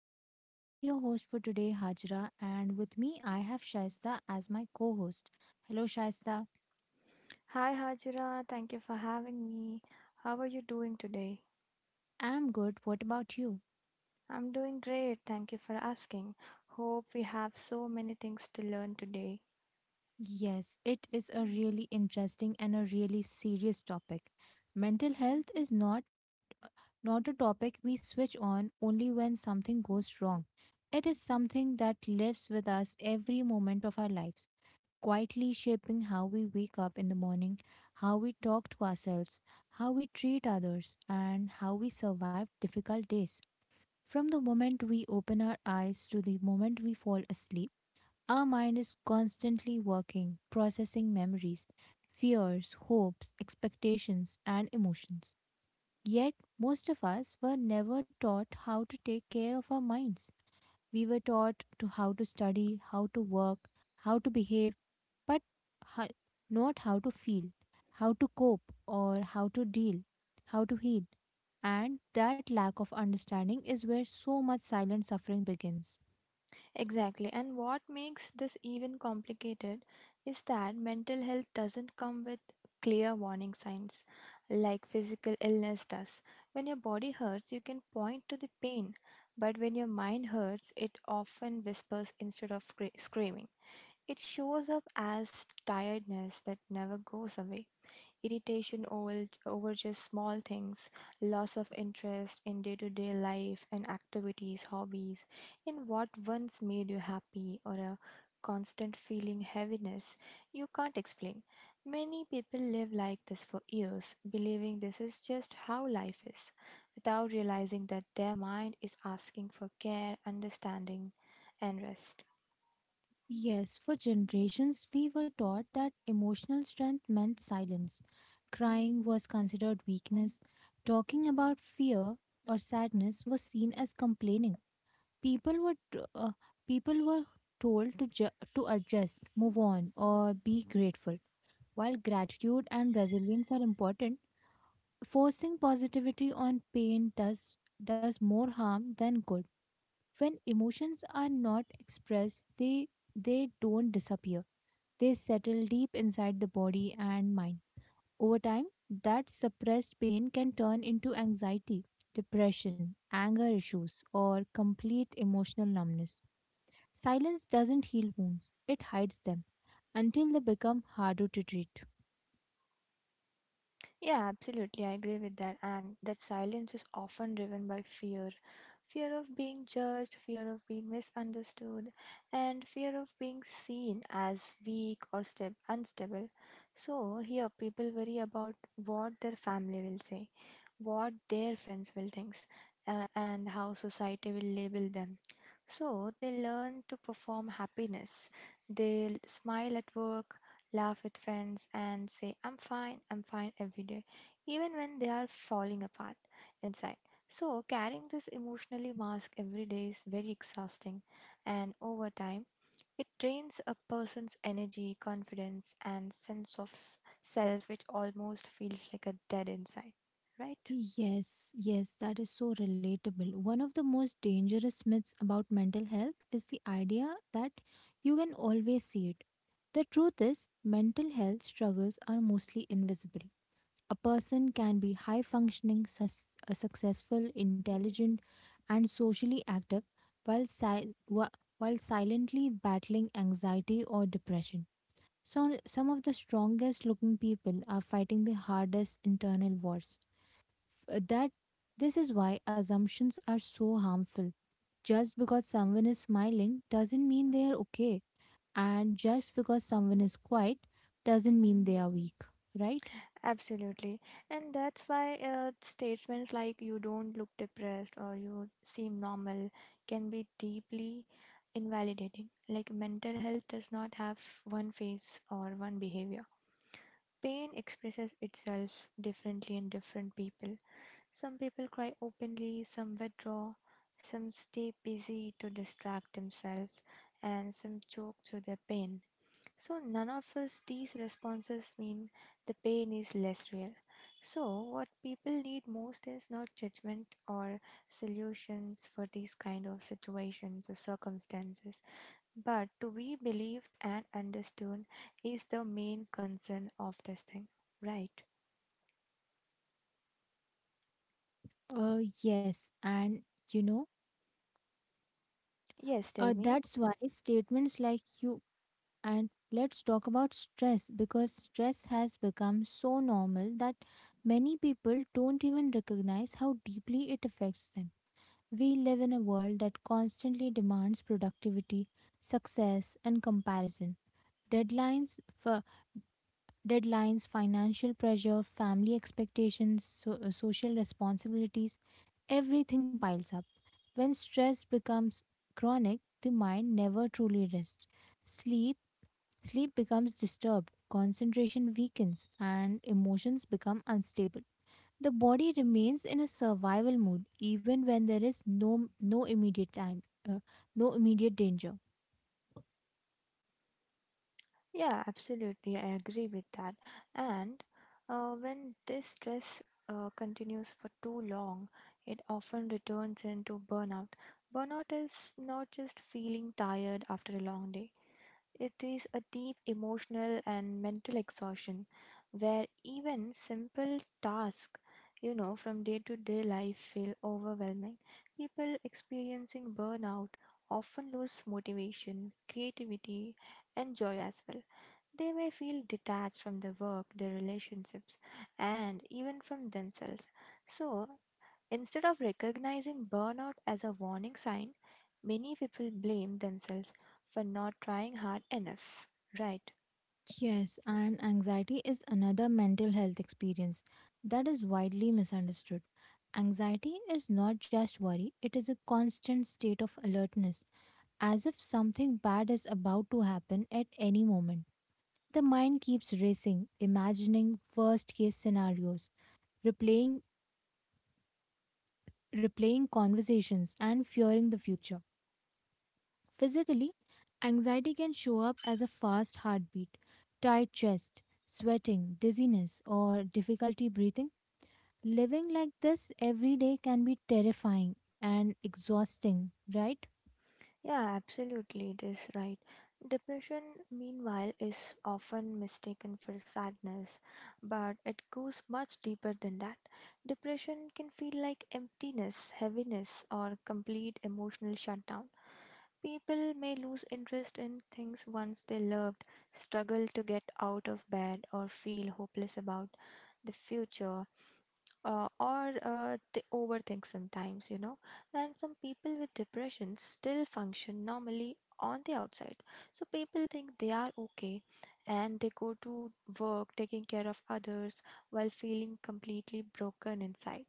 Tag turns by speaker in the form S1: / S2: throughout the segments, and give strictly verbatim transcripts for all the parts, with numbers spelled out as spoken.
S1: podcast. I'm your host for today, Hajra, and with me, I have Shaista as my co host. Hello, Shaista.
S2: Hi Hajira, thank you for having me. How are you doing today?
S1: I'm good. What about you?
S2: I'm doing great, thank you for asking. Hope we have so many things to learn today.
S1: Yes, it is a really interesting and a really serious topic. Mental health is not not a topic we switch on only when something goes wrong. It is something that lives with us every moment of our lives, quietly shaping how we wake up in the morning, how we talk to ourselves, how we treat others, and how we survive difficult days. From the moment we open our eyes to the moment we fall asleep, our mind is constantly working, processing memories, fears, hopes, expectations, and emotions. Yet, most of us were never taught how to take care of our minds. We were taught to how to study, how to work, how to behave, but ho- not how to feel, how to cope, or how to deal, how to heal. And that lack of understanding is where so much silent suffering begins.
S2: Exactly, and what makes this even complicated is that mental health doesn't come with clear warning signs like physical illness does. When your body hurts, you can point to the pain, but when your mind hurts, it often whispers instead of scre- screaming. It shows up as tiredness that never goes away, irritation over, over just small things, loss of interest in day to day life and activities, hobbies, in what once made you happy, or a constant feeling heaviness you can't explain. Many people live like this for years, believing this is just how life is, without realizing that their mind is asking for care, understanding, and rest.
S1: Yes, for generations, we were taught that emotional strength meant silence. Crying was considered weakness. Talking about fear or sadness was seen as complaining. people were t- uh, People were told to ju- to adjust, move on, or be grateful. While gratitude and resilience are important, forcing positivity on pain does does more harm than good. When emotions are not expressed, they they don't disappear, they settle deep inside the body and mind. Over time, that suppressed pain can turn into anxiety, depression, anger issues, or complete emotional numbness. Silence doesn't heal wounds, it hides them until they become harder to treat.
S2: Yeah, absolutely. I agree with that. And that silence is often driven by fear fear of being judged, fear of being misunderstood, and fear of being seen as weak or stab- unstable. So, here people worry about what their family will say, what their friends will think, uh, and how society will label them. So they learn to perform happiness. They l- smile at work, laugh with friends, and say, I'm fine, I'm fine every day, even when they are falling apart inside. So carrying this emotionally mask every day is very exhausting, and over time, it drains a person's energy, confidence, and sense of s- self, which almost feels like a dead inside, right?
S1: Yes, yes, that is so relatable. One of the most dangerous myths about mental health is the idea that you can always see it. The truth is, mental health struggles are mostly invisible. A person can be high functioning, sus- uh, successful, intelligent, and socially active while, si- wh- while silently battling anxiety or depression. So, some of the strongest looking people are fighting the hardest internal wars. F- uh, That This is why assumptions are so harmful. Just because someone is smiling doesn't mean they are okay, and just because someone is quiet doesn't mean they are weak, right?
S2: Absolutely. And that's why uh, statements like you don't look depressed or you seem normal can be deeply invalidating. Like mental health does not have one face or one behavior. Pain expresses itself differently in different people. Some people cry openly, some withdraw, some stay busy to distract themselves, and some choke through their pain, so none of us these responses mean the pain is less real. So what people need most is not judgment or solutions for these kind of situations or circumstances, but to be believed and understood is the main concern of this thing, right?
S1: Uh, yes, and you know,
S2: Yes,
S1: uh,
S2: tell me.
S1: that's why statements like you. And let's talk about stress because stress has become so normal that many people don't even recognize how deeply it affects them. We live in a world that constantly demands productivity, success, and comparison. Deadlines for deadlines, financial pressure, family expectations, so, uh, social responsibilities, everything piles up. When stress becomes chronic, the mind never truly rests. Sleep Sleep becomes disturbed, concentration weakens, and emotions become unstable. The body remains in a survival mode even when there is no no immediate time, uh, no immediate danger.
S2: Yeah, absolutely. I agree with that. And uh, when this stress uh, continues for too long, it often returns into burnout. Burnout is not just feeling tired after a long day, it is a deep emotional and mental exhaustion where even simple tasks, you know, from day to day life feel overwhelming. People experiencing burnout often lose motivation, creativity, and joy as well. They may feel detached from their work, their relationships, and even from themselves. So, instead of recognizing burnout as a warning sign, many people blame themselves for not trying hard enough, right?
S1: Yes, and anxiety is another mental health experience that is widely misunderstood. Anxiety is not just worry, it is a constant state of alertness, as if something bad is about to happen at any moment. The mind keeps racing, imagining worst case scenarios, replaying, replaying conversations, and fearing the future. Physically, anxiety can show up as a fast heartbeat, tight chest, sweating, dizziness, or difficulty breathing. Living like this every day can be terrifying and exhausting, right?
S2: Yeah, absolutely, it is right. Depression, meanwhile, is often mistaken for sadness, but it goes much deeper than that. Depression can feel like emptiness, heaviness, or complete emotional shutdown. People may lose interest in things once they loved, struggle to get out of bed, or feel hopeless about the future, uh, or uh, they overthink sometimes, you know. And some people with depression still function normally on the outside. So people think they are okay and they go to work taking care of others while feeling completely broken inside.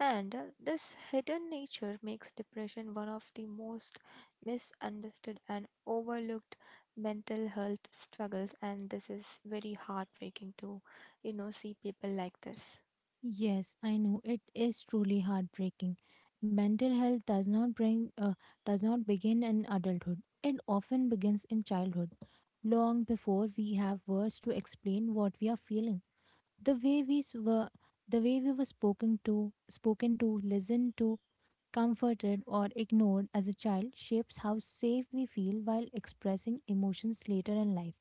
S2: And uh, this hidden nature makes depression one of the most misunderstood and overlooked mental health struggles, and this is very heartbreaking to you know see people like this.
S1: Yes, I know it is truly heartbreaking. Mental health does not bring uh, does not begin in adulthood. It often begins in childhood, long before we have words to explain what we are feeling. The way we s- were the way we were spoken to, spoken to, listened to, comforted or ignored as a child shapes how safe we feel while expressing emotions later in life.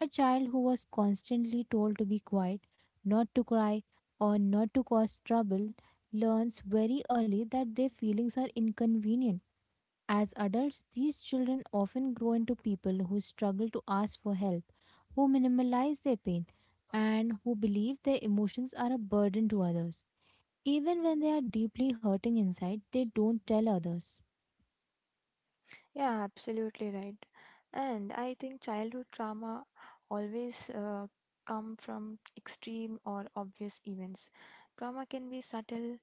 S1: A child who was constantly told to be quiet, not to cry, or not to cause trouble learns very early that their feelings are inconvenient. As adults, these children often grow into people who struggle to ask for help, who minimize their pain, and who believe their emotions are a burden to others. Even when they are deeply hurting inside, they don't tell others.
S2: Yeah, absolutely right. And I think childhood trauma always uh, come from extreme or obvious events. Trauma can be subtle,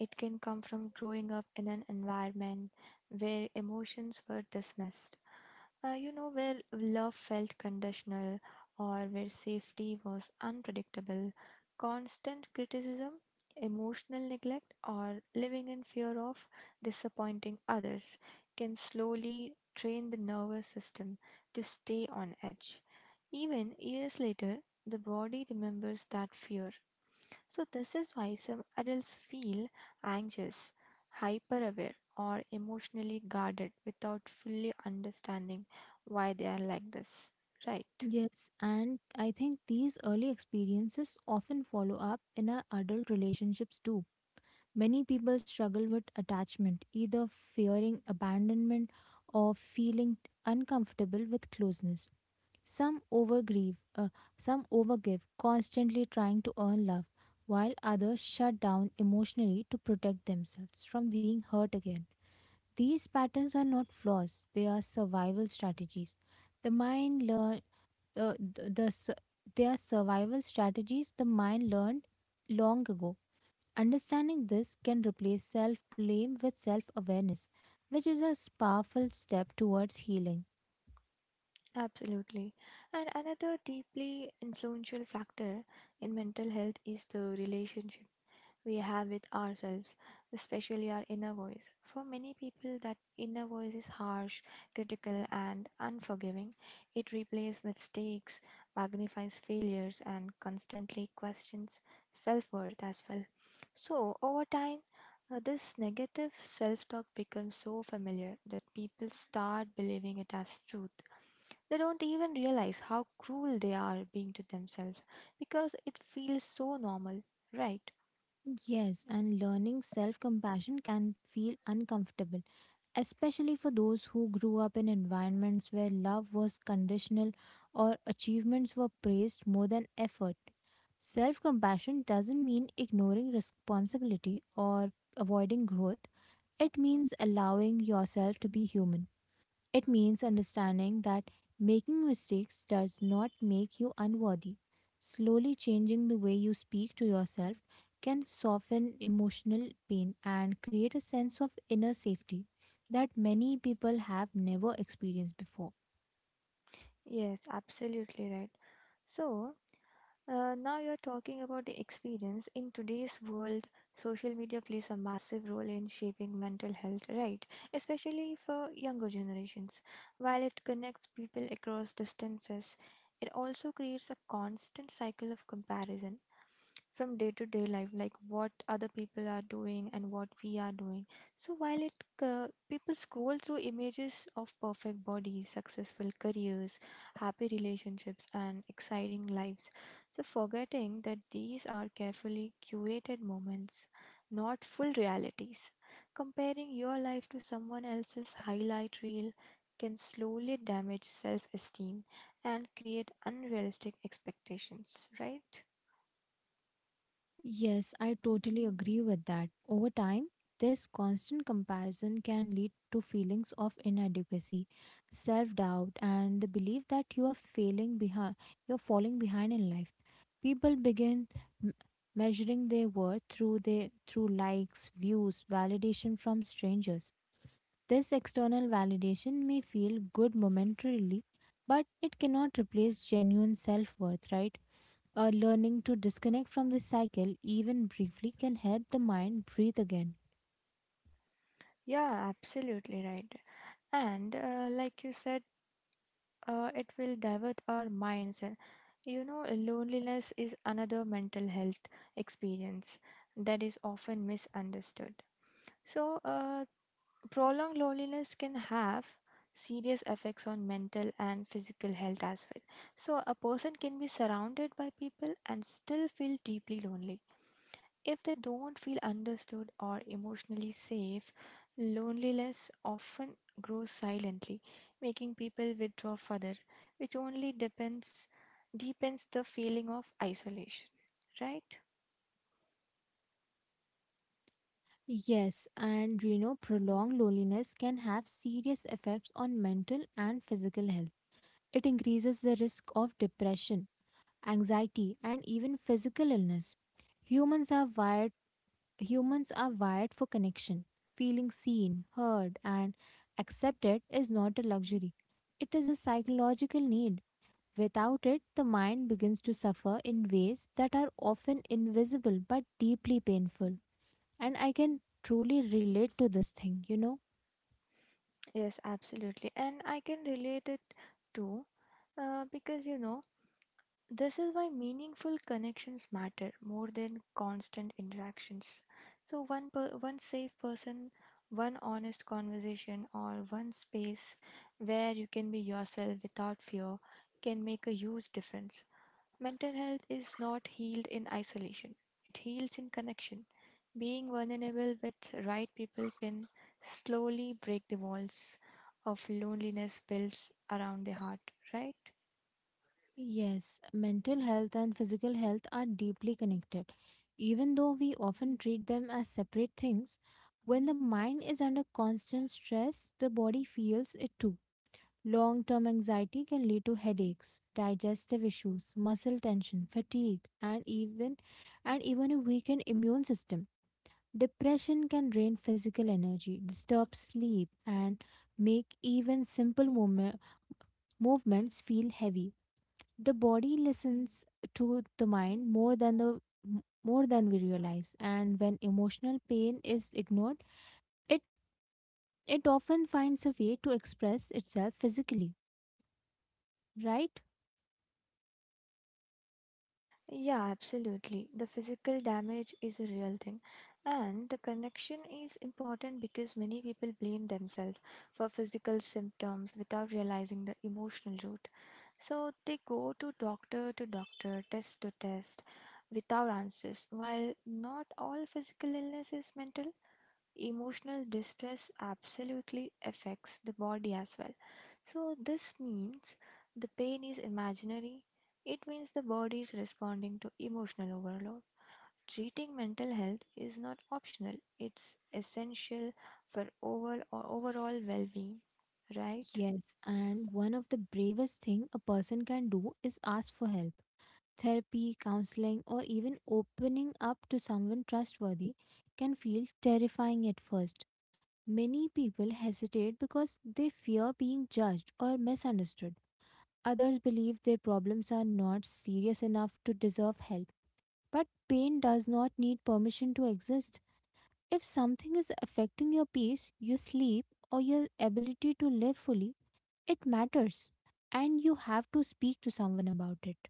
S2: it can come from growing up in an environment where emotions were dismissed, uh, you know, where love felt conditional or where safety was unpredictable, constant criticism, emotional neglect, or living in fear of disappointing others can slowly train the nervous system to stay on edge. Even years later, the body remembers that fear, so this is why some adults feel anxious, hyper aware, or emotionally guarded without fully understanding why they are like this. Right,
S1: Yes, and I think these early experiences often follow up in our adult relationships too. Many people struggle with attachment, either fearing abandonment or feeling uncomfortable with closeness. Some overgrieve, uh, some overgive, constantly trying to earn love, while others shut down emotionally to protect themselves from being hurt again. These patterns are not flaws; they are survival strategies. The mind learn uh, the, the su- they are survival strategies the mind learned long ago. Understanding this can replace self blame with self awareness, which is a s- powerful step towards healing.
S2: absolutely. And another deeply influential factor in mental health is the relationship we have with ourselves, especially our inner voice. For many people, that inner voice is harsh, critical, and unforgiving. It replays mistakes, magnifies failures, and constantly questions self worth as well. So, over time, uh, this negative self talk becomes so familiar that people start believing it as truth. They don't even realize how cruel they are being to themselves because it feels so normal, right?
S1: Yes, and learning self compassion can feel uncomfortable, especially for those who grew up in environments where love was conditional or achievements were praised more than effort. Self compassion doesn't mean ignoring responsibility or avoiding growth, it means allowing yourself to be human. It means understanding that making mistakes does not make you unworthy. Slowly changing the way you speak to yourself can soften emotional pain and create a sense of inner safety that many people have never experienced before.
S2: Yes, absolutely right. So, uh, now you're talking about the experience. In today's world, social media plays a massive role in shaping mental health, right? Especially for younger generations. While it connects people across distances, it also creates a constant cycle of comparison from day to day life, like what other people are doing and what we are doing. So while it uh, people scroll through images of perfect bodies, successful careers, happy relationships, and exciting lives, so, forgetting that these are carefully curated moments, not full realities. Comparing your life to someone else's highlight reel can slowly damage self esteem and create unrealistic expectations, right?
S1: Yes, I totally agree with that. Over time, this constant comparison can lead to feelings of inadequacy, self doubt, and the belief that you are failing behind, you're falling behind in life. People begin m- measuring their worth through their through likes, views, validation from strangers. This external validation may feel good momentarily, but it cannot replace genuine self worth, right? Uh, learning to disconnect from the cycle, even briefly, can help the mind breathe again.
S2: Yeah, absolutely right. And uh, like you said, uh, it will divert our minds. And you know, loneliness is another mental health experience that is often misunderstood. So, uh, prolonged loneliness can have serious effects on mental and physical health as well. So, a person can be surrounded by people and still feel deeply lonely. If they don't feel understood or emotionally safe, loneliness often grows silently, making people withdraw further, which only depends deepens the feeling of isolation. Right?
S1: Yes, and you know, prolonged loneliness can have serious effects on mental and physical health. It increases the risk of depression, anxiety, and even physical illness. Humans are wired Humans are wired for connection. Feeling seen, heard, and accepted is not a luxury. It is a psychological need. Without it, the mind begins to suffer in ways that are often invisible but deeply painful. And I can truly relate to this thing, you know?
S2: Yes, absolutely. And I can relate it too, uh, because you know, this is why meaningful connections matter more than constant interactions. So, one, per, one safe person, one honest conversation, or one space where you can be yourself without fear can make a huge difference. Mental health is not healed in isolation, it heals in connection. Being vulnerable with right people can slowly break the walls of loneliness built around the heart, right?
S1: Yes, mental health and physical health are deeply connected. Even though we often treat them as separate things, when the mind is under constant stress, the body feels it too. Long term anxiety can lead to headaches, digestive issues, muscle tension, fatigue, and even and even a weakened immune system. Depression can drain physical energy, disturb sleep, and make even simple movem- movements feel heavy. The body listens to the mind more than the more than we realize, and when emotional pain is ignored, it it often finds a way to express itself physically, right?
S2: Yeah, absolutely. The physical damage is a real thing. And the connection is important because many people blame themselves for physical symptoms without realizing the emotional root. So they go to doctor to doctor, test to test, without answers, while not all physical illness is mental, emotional distress absolutely affects the body as well. So, this means the pain is imaginary, it means the body is responding to emotional overload. Treating mental health is not optional, it's essential for overall, overall well being, right?
S1: Yes, and one of the bravest thing a person can do is ask for help. Therapy, counseling, or even opening up to someone trustworthy can feel terrifying at first. Many people hesitate because they fear being judged or misunderstood. Others believe their problems are not serious enough to deserve help. But pain does not need permission to exist. If something is affecting your peace, your sleep, or your ability to live fully, it matters, and you have to speak to someone about it.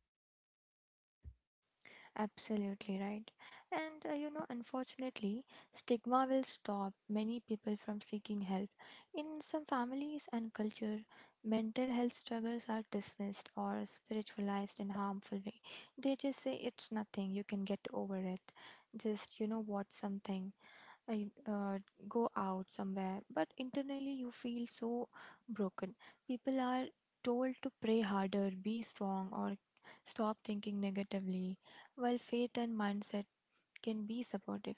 S2: Absolutely right. And uh, you know, unfortunately, stigma will stop many people from seeking help. In some families and culture, mental health struggles are dismissed or spiritualized in harmful way. They just say it's nothing, you can get over it. Just, you know, watch something. I uh, go out somewhere, but internally you feel so broken. People are told to pray harder, be strong, or stop thinking negatively, while faith and mindset can be supportive.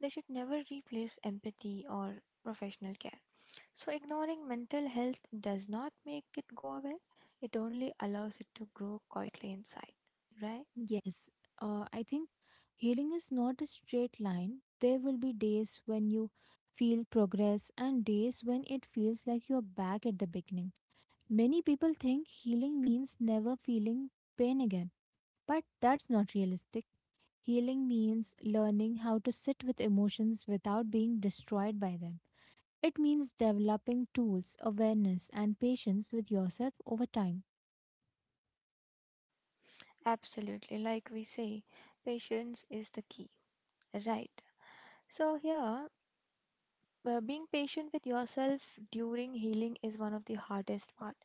S2: They should never replace empathy or professional care. So, ignoring mental health does not make it go away, it only allows it to grow quietly inside, right?
S1: Yes, uh, I think healing is not a straight line. There will be days when you feel progress and days when it feels like you're back at the beginning. Many people think healing means never feeling pain again, but that's not realistic. Healing means learning how to sit with emotions without being destroyed by them. It means developing tools, awareness, and patience with yourself over time.
S2: Absolutely, like we say, patience is the key, right? So, here uh, being patient with yourself during healing is one of the hardest part.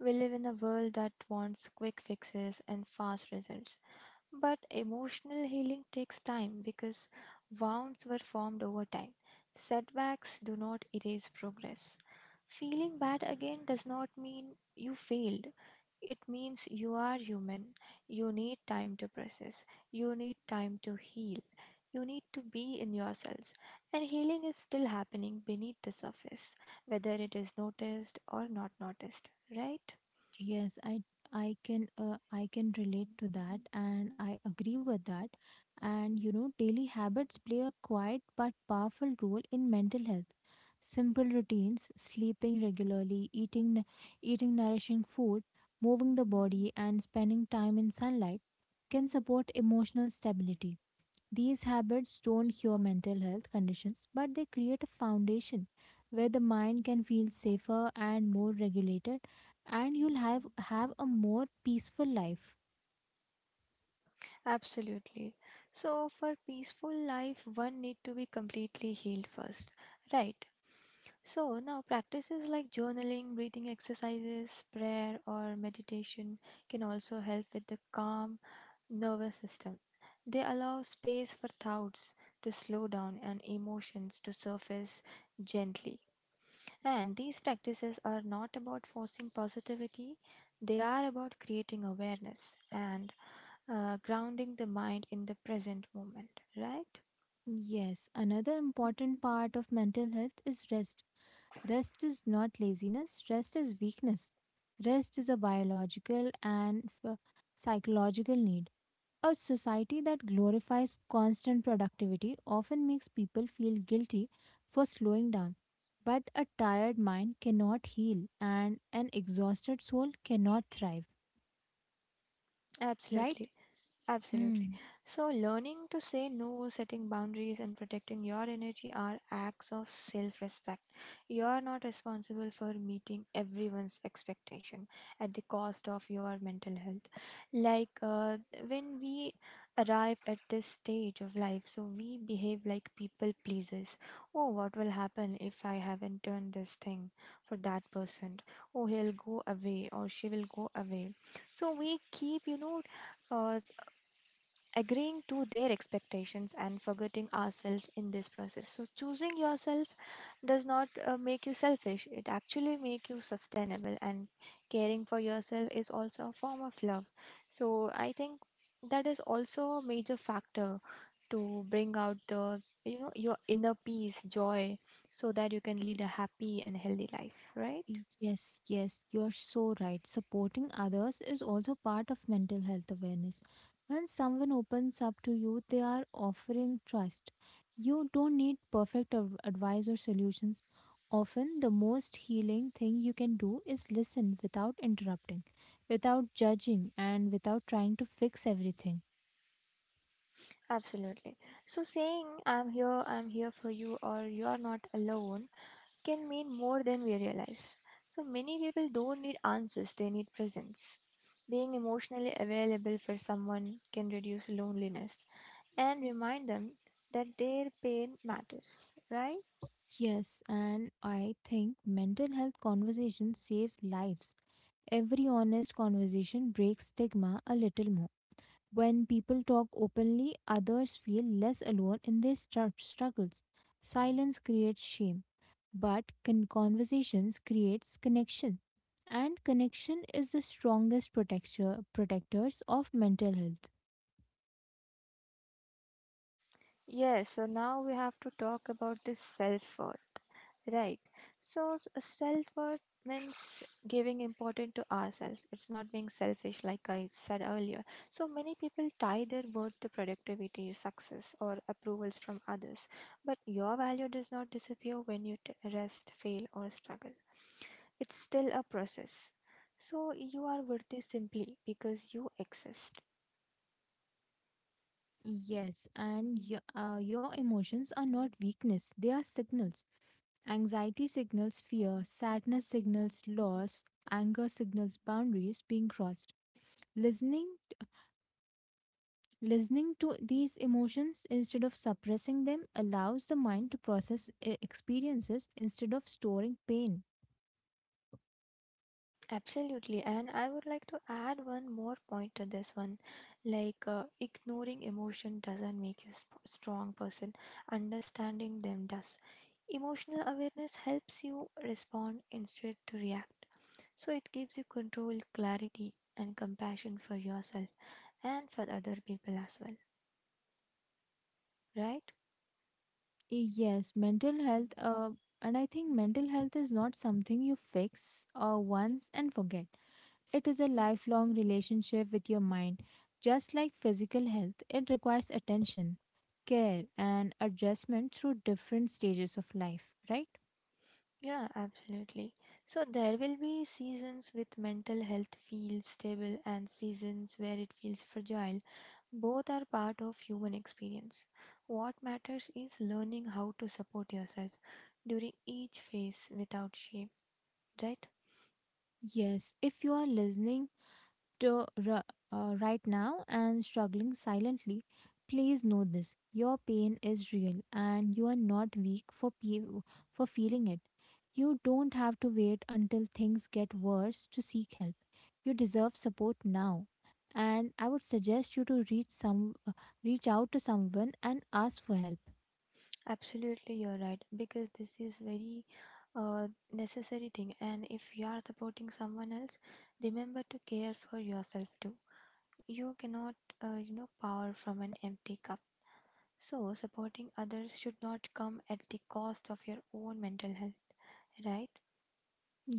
S2: We live in a world that wants quick fixes and fast results. But emotional healing takes time because wounds were formed over time. Setbacks do not erase progress. Feeling bad again does not mean you failed. It means you are human. You need time to process. You need time to heal. You need to be in yourselves, and healing is still happening beneath the surface, whether it is noticed or not noticed, right?
S1: Yes, I I can uh, I can relate to that and I agree with that. And you know, daily habits play a quiet but powerful role in mental health. Simple routines, sleeping regularly, eating n- eating nourishing food, moving the body and spending time in sunlight can support emotional stability. These habits don't cure mental health conditions, but they create a foundation where the mind can feel safer and more regulated, and you'll have, have a more peaceful life.
S2: Absolutely. So, for peaceful life, one need to be completely healed first, right? So, now practices like journaling, breathing exercises, prayer, or meditation can also help with the calm nervous system. They allow space for thoughts to slow down and emotions to surface gently. And these practices are not about forcing positivity, they are about creating awareness and uh, grounding the mind in the present moment, right?
S1: Yes, another important part of mental health is rest. Rest is not laziness, rest is weakness. Rest is a biological and f- psychological need. A society that glorifies constant productivity often makes people feel guilty for slowing down. But a tired mind cannot heal, and an exhausted soul cannot thrive, right?
S2: Absolutely. Absolutely.
S1: Hmm.
S2: So, learning to say no, setting boundaries, and protecting your energy are acts of self respect. You are not responsible for meeting everyone's expectation at the cost of your mental health. Like uh, when we arrive at this stage of life, so we behave like people pleasers. Oh, what will happen if I haven't done this thing for that person? Oh, he'll go away or she will go away. So, we keep, you know, uh, agreeing to their expectations and forgetting ourselves in this process. So choosing yourself does not uh, make you selfish, it actually make you sustainable, and caring for yourself is also a form of love. So I think that is also a major factor to bring out the you know your inner peace, joy, so that you can lead a happy and healthy life, right?
S1: Yes, yes, you're so right. Supporting others is also part of mental health awareness. When someone opens up to you, they are offering trust. You don't need perfect av- advice or solutions. Often, the most healing thing you can do is listen without interrupting, without judging, and without trying to fix everything.
S2: Absolutely. So saying I'm here i'm here for you, or you're not alone, can mean more than we realize. So many people don't need answers, they need presence. Being emotionally available for someone can reduce loneliness and remind them that their pain matters, right?
S1: Yes, and I think mental health conversations save lives. Every honest conversation breaks stigma a little more. When people talk openly, others feel less alone in their stru- struggles. Silence creates shame, but con- conversations creates connection. And connection is the strongest protector protectors of mental health.
S2: Yes, so now we have to talk about this self worth, right? So, self worth means giving importance to ourselves, it's not being selfish, like I said earlier. So, many people tie their worth to productivity, success, or approvals from others, but your value does not disappear when you t- rest, fail, or struggle. It's still a process. So, you are worthy simply because you exist.
S1: Yes, and your, uh, your emotions are not weakness, they are signals. Anxiety signals fear, sadness signals loss, anger signals boundaries being crossed. Listening Listening to these emotions instead of suppressing them allows the mind to process e- experiences instead of storing pain.
S2: Absolutely, and I would like to add one more point to this one. Like, uh, ignoring emotion doesn't make you a sp- strong person. Understanding them does. Emotional awareness helps you respond instead to react. So it gives you control, clarity, and compassion for yourself and for other people as well, right?
S1: Eh, Yes, mental health, uh, and I think mental health is not something you fix uh, once and forget. It is a lifelong relationship with your mind. Just like physical health, it requires attention, care, and adjustment through different stages of life, right?
S2: Yeah, absolutely. So there will be seasons with mental health feels stable and seasons where it feels fragile. Both are part of human experience. What matters is learning how to support yourself during each phase without shame, right?
S1: Yes, if you are listening to r- uh, right now and struggling silently, please know this. Your pain is real and you are not weak for, pe- for feeling it. You don't have to wait until things get worse to seek help. You deserve support now. And I would suggest you to reach some uh, reach out to someone and ask for help.
S2: Absolutely, you're right, because this is very uh, necessary thing, and if you are supporting someone else, remember to care for yourself too. You cannot, uh, you know, pour from an empty cup. So, supporting others should not come at the cost of your own mental health, right?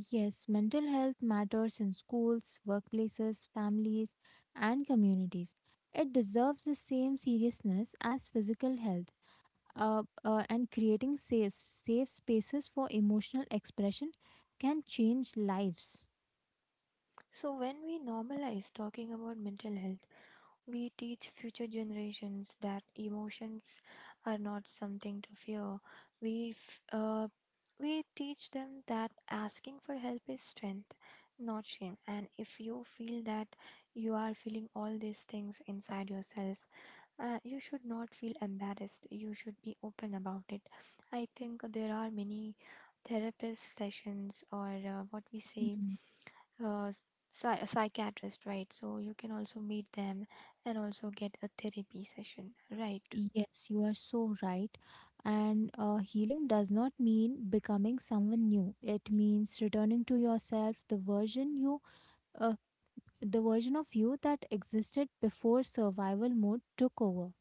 S1: Yes, mental health matters in schools, workplaces, families, and communities. It deserves the same seriousness as physical health. Uh, uh, and creating safe, safe spaces for emotional expression can change lives.
S2: So, when we normalize talking about mental health, we teach future generations that emotions are not something to fear. We, f- uh, we teach them that asking for help is strength, not shame. And if you feel that you are feeling all these things inside yourself, Uh, you should not feel embarrassed. You should be open about it. I think there are many therapist sessions, or uh, what we say,
S1: Mhm.
S2: uh, psy- psychiatrist, right? So you can also meet them and also get a therapy session, right?
S1: Yes, you are so right. And uh, healing does not mean becoming someone new, it means returning to yourself, the version you uh, the version of you that existed before survival mode took over.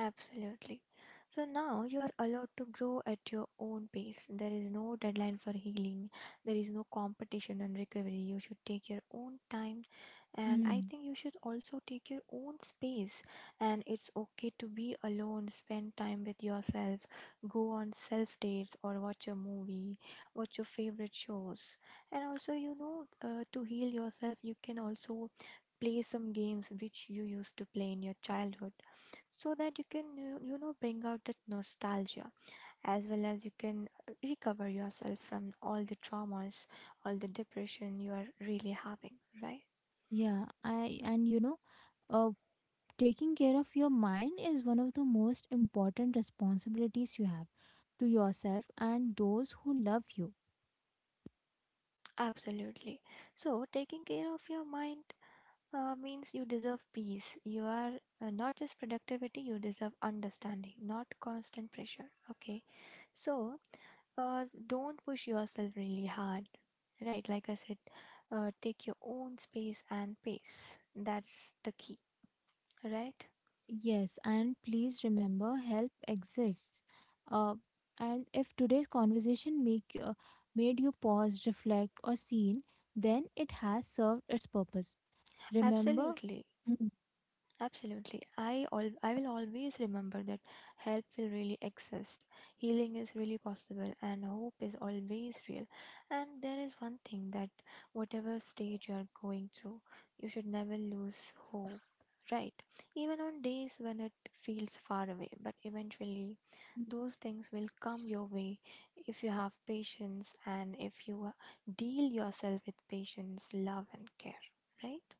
S2: Absolutely. So now you are allowed to grow at your own pace. There is no deadline for healing. There is no competition and recovery. You should take your own time. And I
S1: Mm.
S2: think you should also take your own space. And it's okay to be alone, spend time with yourself, go on self dates or watch a movie, watch your favorite shows. And also, you know, uh, to heal yourself, you can also play some games which you used to play in your childhood, so that you can you you know bring out that nostalgia, as well as you can uh, recover yourself from all the traumas, all the depression you are really having, right?
S1: Yeah, I and you know, uh, Taking care of your mind is one of the most important responsibilities you have to yourself and those who love you.
S2: Absolutely. So taking care of your mind uh, means you deserve peace. You are uh, not just productivity, you deserve understanding, not constant pressure, okay? So uh, don't push yourself really hard, right? Like I said, uh, take your own space and pace, that's the key. Right?
S1: Yes, and please remember help exists. Uh, and if today's conversation make uh, made you pause, reflect, or seen, then it has served its purpose. Remember.
S2: Absolutely.
S1: Mm.
S2: Absolutely. I al- I will always remember that help will really exist. Healing is really possible and hope is always real. And there is one thing, that whatever stage you are going through, you should never lose hope. Right? Even on days when it feels far away, but eventually those things will come your way if you have patience, and if you uh, deal yourself with patience, love and care. Right?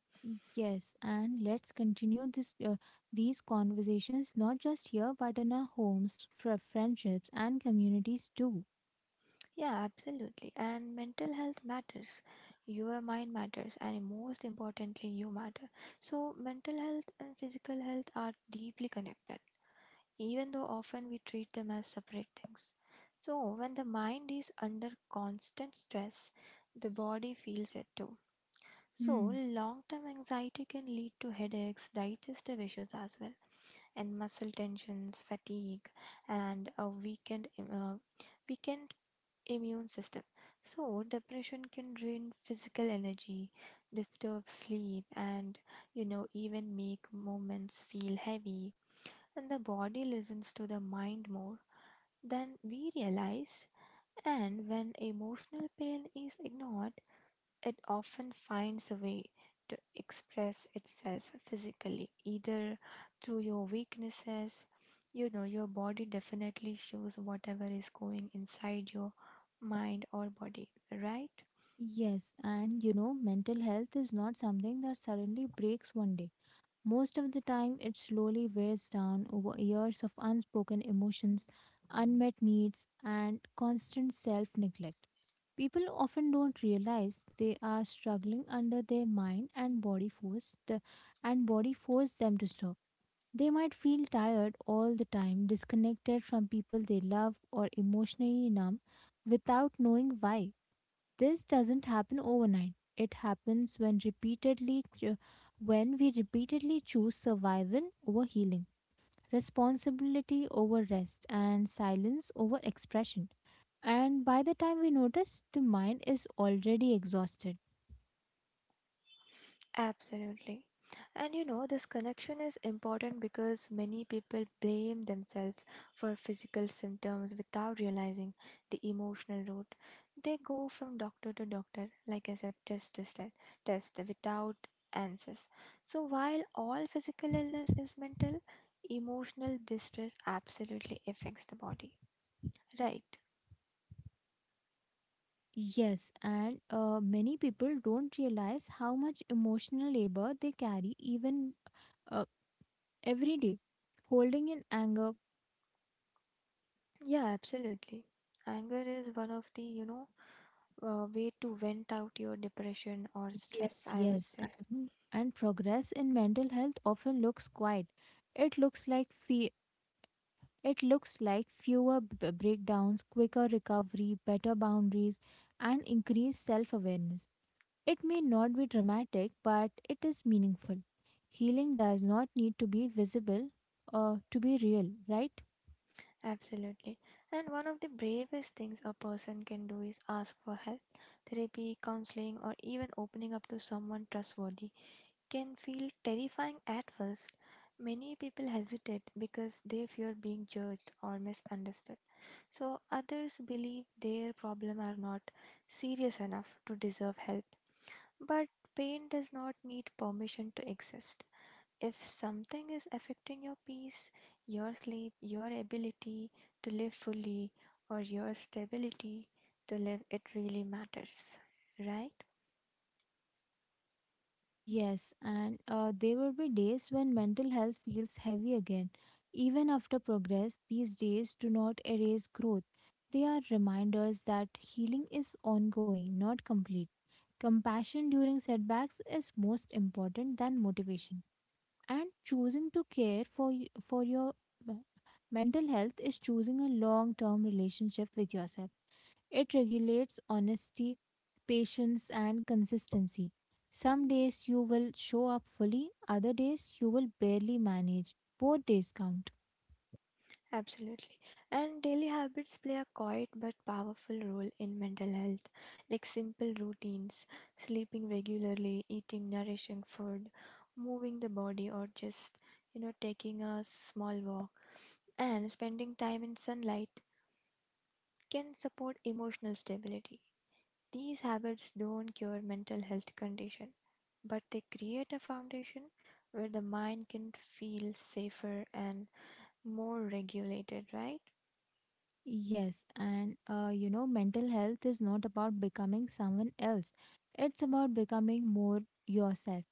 S1: Yes, and let's continue this uh, these conversations not just here but in our homes, fr- friendships, and communities too.
S2: Yeah, absolutely. And mental health matters. Your mind matters, and most importantly, you matter. So, mental health and physical health are deeply connected, even though often we treat them as separate things. So, when the mind is under constant stress, the body feels it too. So,
S1: Hmm.
S2: long term anxiety can lead to headaches, digestive issues as well, and muscle tensions, fatigue, and a weakened, uh, weakened immune system. So, depression can drain physical energy, disturb sleep, and you know, even make moments feel heavy. And the body listens to the mind more than we realize. And when emotional pain is ignored, it often finds a way to express itself physically, either through your weaknesses. You know, your body definitely shows whatever is going inside your mind or body, right?
S1: Yes, and you know, mental health is not something that suddenly breaks one day. Most of the time, it slowly wears down over years of unspoken emotions, unmet needs, and constant self neglect. People often don't realize they are struggling under their mind and body force, the, and body force them to stop. They might feel tired all the time, disconnected from people they love, or emotionally numb without knowing why. This doesn't happen overnight. It happens when repeatedly cho- when we repeatedly choose survival over healing, responsibility over rest, and silence over expression. And by the time we notice, the mind is already exhausted.
S2: Absolutely. And you know, this connection is important because many people blame themselves for physical symptoms without realizing the emotional root. They go from doctor to doctor, like I said, test to test, test without answers. So while all physical illness is mental, emotional distress absolutely affects the body. Right.
S1: Yes, and uh, many people don't realize how much emotional labor they carry even uh, every day, holding in anger.
S2: Yeah, absolutely. Anger is one of the, you know, uh, way to vent out your depression or stress,
S1: Yes,
S2: I would
S1: yes.
S2: say.
S1: And, and progress in mental health often looks quiet. It looks like fe- it looks like fewer b- breakdowns, quicker recovery, better boundaries, and increased self-awareness. It may not be dramatic, but it is meaningful. Healing does not need to be visible uh, to be real, right?
S2: Absolutely. And one of the bravest things a person can do is ask for help. Therapy, counseling, or even opening up to someone trustworthy can feel terrifying at first. Many people hesitate because they fear being judged or misunderstood. So, others believe their problems are not serious enough to deserve help. But pain does not need permission to exist. If something is affecting your peace, your sleep, your ability to live fully, or your stability to live, it really matters, right?
S1: Yes, and uh, there will be days when mental health feels heavy again. Even after progress, these days do not erase growth. They are reminders that healing is ongoing, not complete. Compassion during setbacks is most important than motivation. And choosing to care for, y- for your uh, mental health is choosing a long term relationship with yourself. It regulates honesty, patience, and consistency. Some days you will show up fully, other days you will barely manage. Both days count.
S2: Absolutely. And daily habits play a quiet but powerful role in mental health, like simple routines, sleeping regularly, eating nourishing food, moving the body, or just, you know, taking a small walk and spending time in sunlight can support emotional stability. These habits don't cure mental health condition, but they create a foundation where the mind can feel safer and more regulated, right?
S1: Yes, and uh, you know, mental health is not about becoming someone else, it's about becoming more yourself,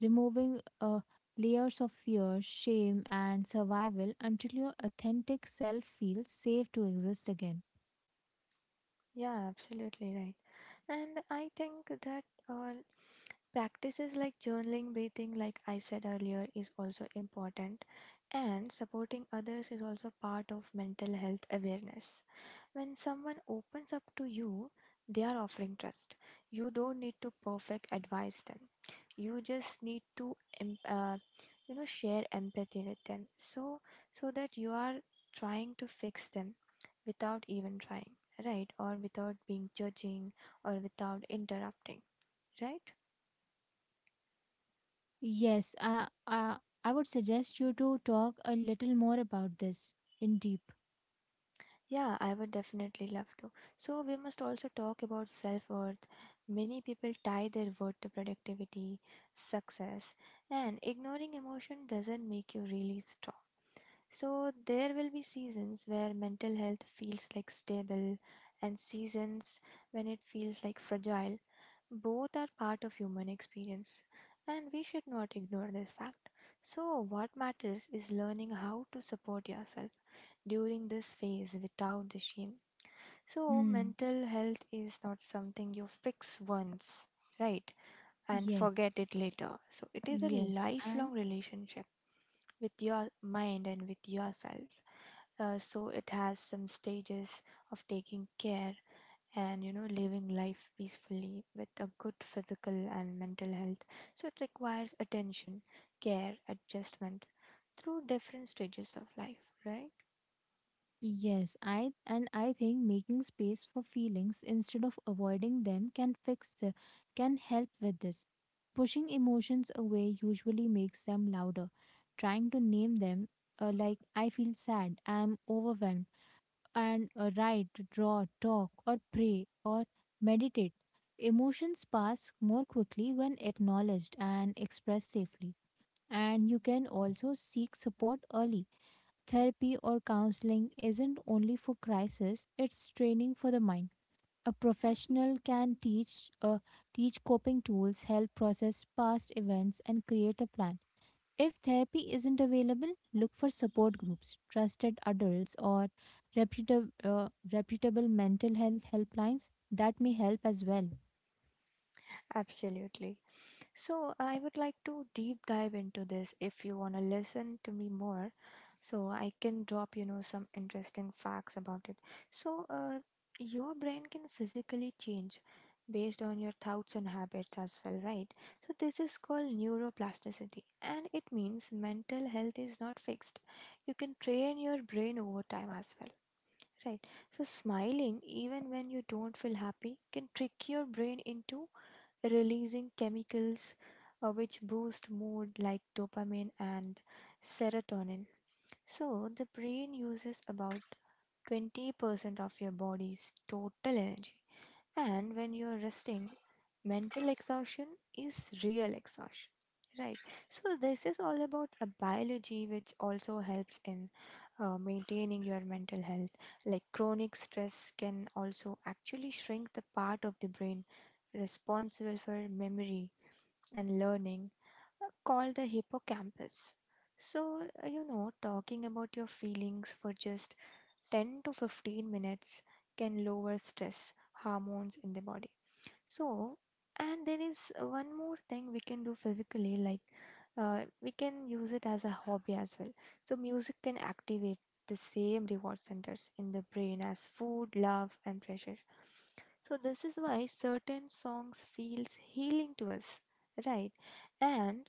S1: removing uh, layers of fear, shame, and survival until your authentic self feels safe to exist again.
S2: Yeah, absolutely right. And I think that all practices like journaling, breathing, like I said earlier, is also important, and supporting others is also part of mental health awareness. When someone opens up to you, they are offering trust. You don't need to perfect advise them. You just need to, em- uh, you know, share empathy with them. So, so that you are trying to fix them without even trying, right? Or without being judging, or without interrupting, right?
S1: Yes, I, I, I would suggest you to talk a little more about this in deep.
S2: Yeah, I would definitely love to. So, we must also talk about self worth. Many people tie their worth to productivity, success, and ignoring emotion doesn't make you really strong. So, there will be seasons where mental health feels like stable and seasons when it feels like fragile. Both are part of human experience, and we should not ignore this fact. So, what matters is learning how to support yourself during this phase without the shame. So,
S1: Hmm.
S2: mental health is not something you fix once, right, and
S1: Yes.
S2: forget it later. So, it is a
S1: Yes. And
S2: lifelong relationship with your mind and with yourself. Uh, so, it has some stages of taking care and you know living life peacefully with a good physical and mental health. So, it requires attention, care, adjustment through different stages of life, right?
S1: yes, I and I think making space for feelings instead of avoiding them can fix the, can help with this. Pushing emotions away usually makes them louder. Trying to name them, uh, like I feel sad, I am overwhelmed and uh, write, draw, talk, or pray, or meditate. Emotions pass more quickly when acknowledged and expressed safely. And you can also seek support early. Therapy or counseling isn't only for crisis, it's training for the mind. A professional can teach, uh, teach coping tools, help process past events, and create a plan. If therapy isn't available, look for support groups, trusted adults, or reputable, uh, reputable mental health helplines that may help as well.
S2: Absolutely. So, I would like to deep dive into this if you want to listen to me more. So, I can drop, you know, some interesting facts about it. So, uh, your brain can physically change based on your thoughts and habits as well, right? So, this is called neuroplasticity, and it means mental health is not fixed. You can train your brain over time as well. Right, so smiling even when you don't feel happy can trick your brain into releasing chemicals uh, which boost mood, like dopamine and serotonin. So, the brain uses about twenty percent of your body's total energy. And when you're resting, mental exhaustion is real exhaustion. Right. So, this is all about a biology which also helps in uh, maintaining your mental health. Like chronic stress can also actually shrink the part of the brain responsible for memory and learning, uh, called the hippocampus. So, uh, you know, talking about your feelings for just ten to fifteen minutes can lower stress hormones in the body. So, and there is one more thing we can do physically, like uh, we can use it as a hobby as well. So, music can activate the same reward centers in the brain as food, love, and pleasure. So, this is why certain songs feels healing to us, right? And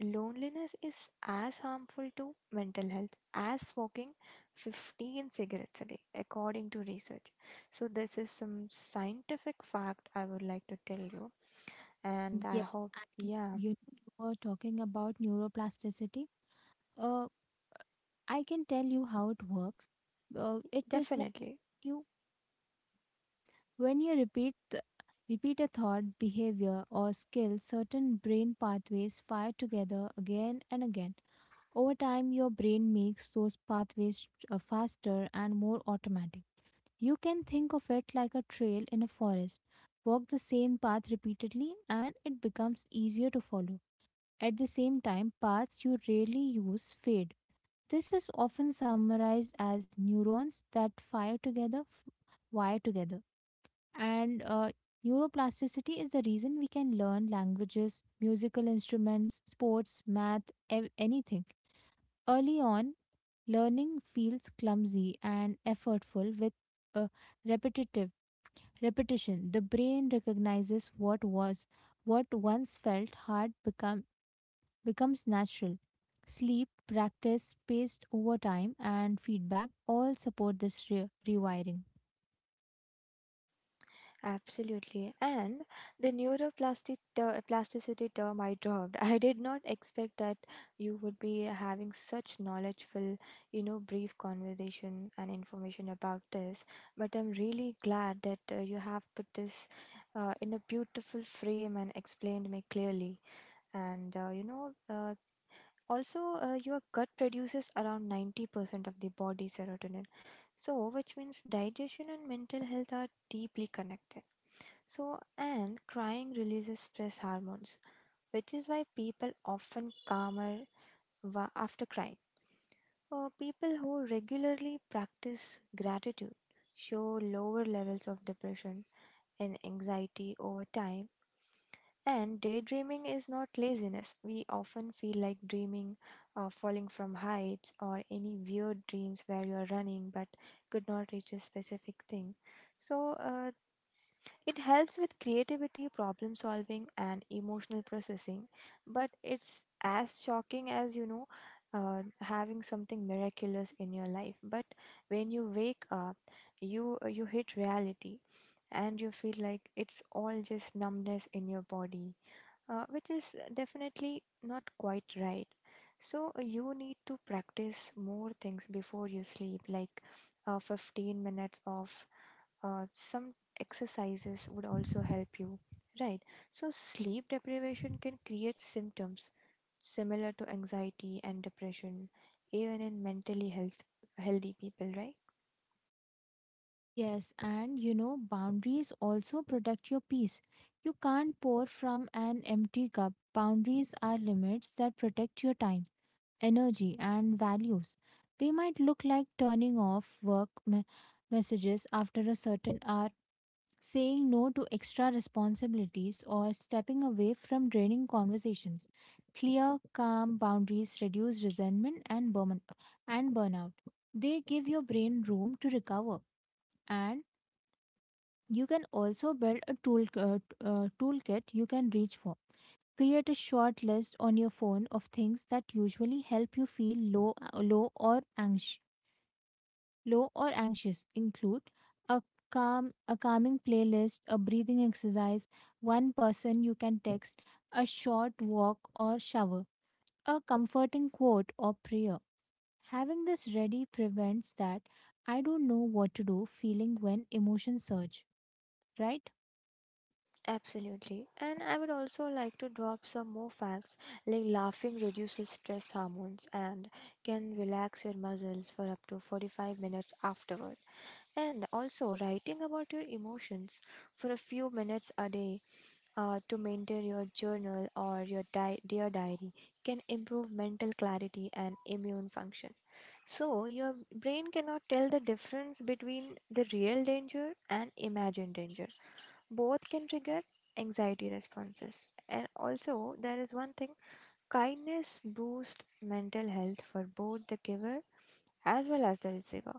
S2: loneliness is as harmful to mental health as smoking fifteen cigarettes a day, according to research. So, this is some scientific fact I would like to tell you, and I
S1: Yes,
S2: hope,
S1: and
S2: yeah,
S1: you, you were talking about neuroplasticity. Uh, I can tell you how it works. Uh, it is like
S2: definitely.
S1: you when you repeat th- repeat a thought, behavior, or skill. Certain brain pathways fire together again and again. Over time, your brain makes those pathways uh, faster and more automatic. You can think of it like a trail in a forest. Walk the same path repeatedly, and it becomes easier to follow. At the same time, paths you rarely use fade. This is often summarized as neurons that fire together, f- wire together. And uh, neuroplasticity is the reason we can learn languages, musical instruments, sports, math, ev- anything. Early on, learning feels clumsy and effortful with a repetitive repetition. The brain recognizes what was what once felt hard become becomes natural. Sleep, practice, spaced over time, and feedback all support this re- rewiring.
S2: Absolutely. And the neuroplastic ter- plasticity term I dropped. I did not expect that you would be having such knowledgeful, you know, brief conversation and information about this. But I'm really glad that uh, you have put this uh, in a beautiful frame and explained me clearly. And, uh, you know, uh, also, uh, your gut produces around ninety percent of the body's serotonin. So, which means digestion and mental health are deeply connected. So, and crying releases stress hormones, which is why people often calmer wa- after crying. Uh, people who regularly practice gratitude show lower levels of depression and anxiety over time. And daydreaming is not laziness. We often feel like dreaming, uh, falling from heights, or any weird dreams where you are running but could not reach a specific thing. So, uh, It helps with creativity, problem solving, and emotional processing, but it's as shocking as you know. Uh, having something miraculous in your life, but when you wake up you you hit reality and you feel like it's all just numbness in your body, uh, which is definitely not quite right. So, uh, you need to practice more things before you sleep, like uh, fifteen minutes of uh, some exercises would also help you, right? So sleep deprivation can create symptoms similar to anxiety and depression, even in mentally health healthy people, right?
S1: Yes, and you know, boundaries also protect your peace. You can't pour from an empty cup. Boundaries are limits that protect your time, energy, and values. They might look like turning off work me- messages after a certain hour, saying no to extra responsibilities, or stepping away from draining conversations. Clear, calm boundaries reduce resentment and, burn- and burnout. They give your brain room to recover, and you can also build a tool, uh, t- uh, toolkit you can reach for. Create a short list on your phone of things that usually help you feel low, uh, low or anxious. Low or anxious include a calm, a calming playlist, a breathing exercise, one person you can text, a short walk or shower, a comforting quote or prayer. Having this ready prevents that I don't know what to do feeling when emotions surge, right?
S2: Absolutely. And I would also like to drop some more facts, like laughing reduces stress hormones and can relax your muscles for up to forty-five minutes afterward. And also, writing about your emotions for a few minutes a day, uh, to maintain your journal or your di- dear diary, can improve mental clarity and immune function. So, your brain cannot tell the difference between the real danger and imagined danger. Both can trigger anxiety responses. And also, there is one thing: kindness boosts mental health for both the giver as well as the receiver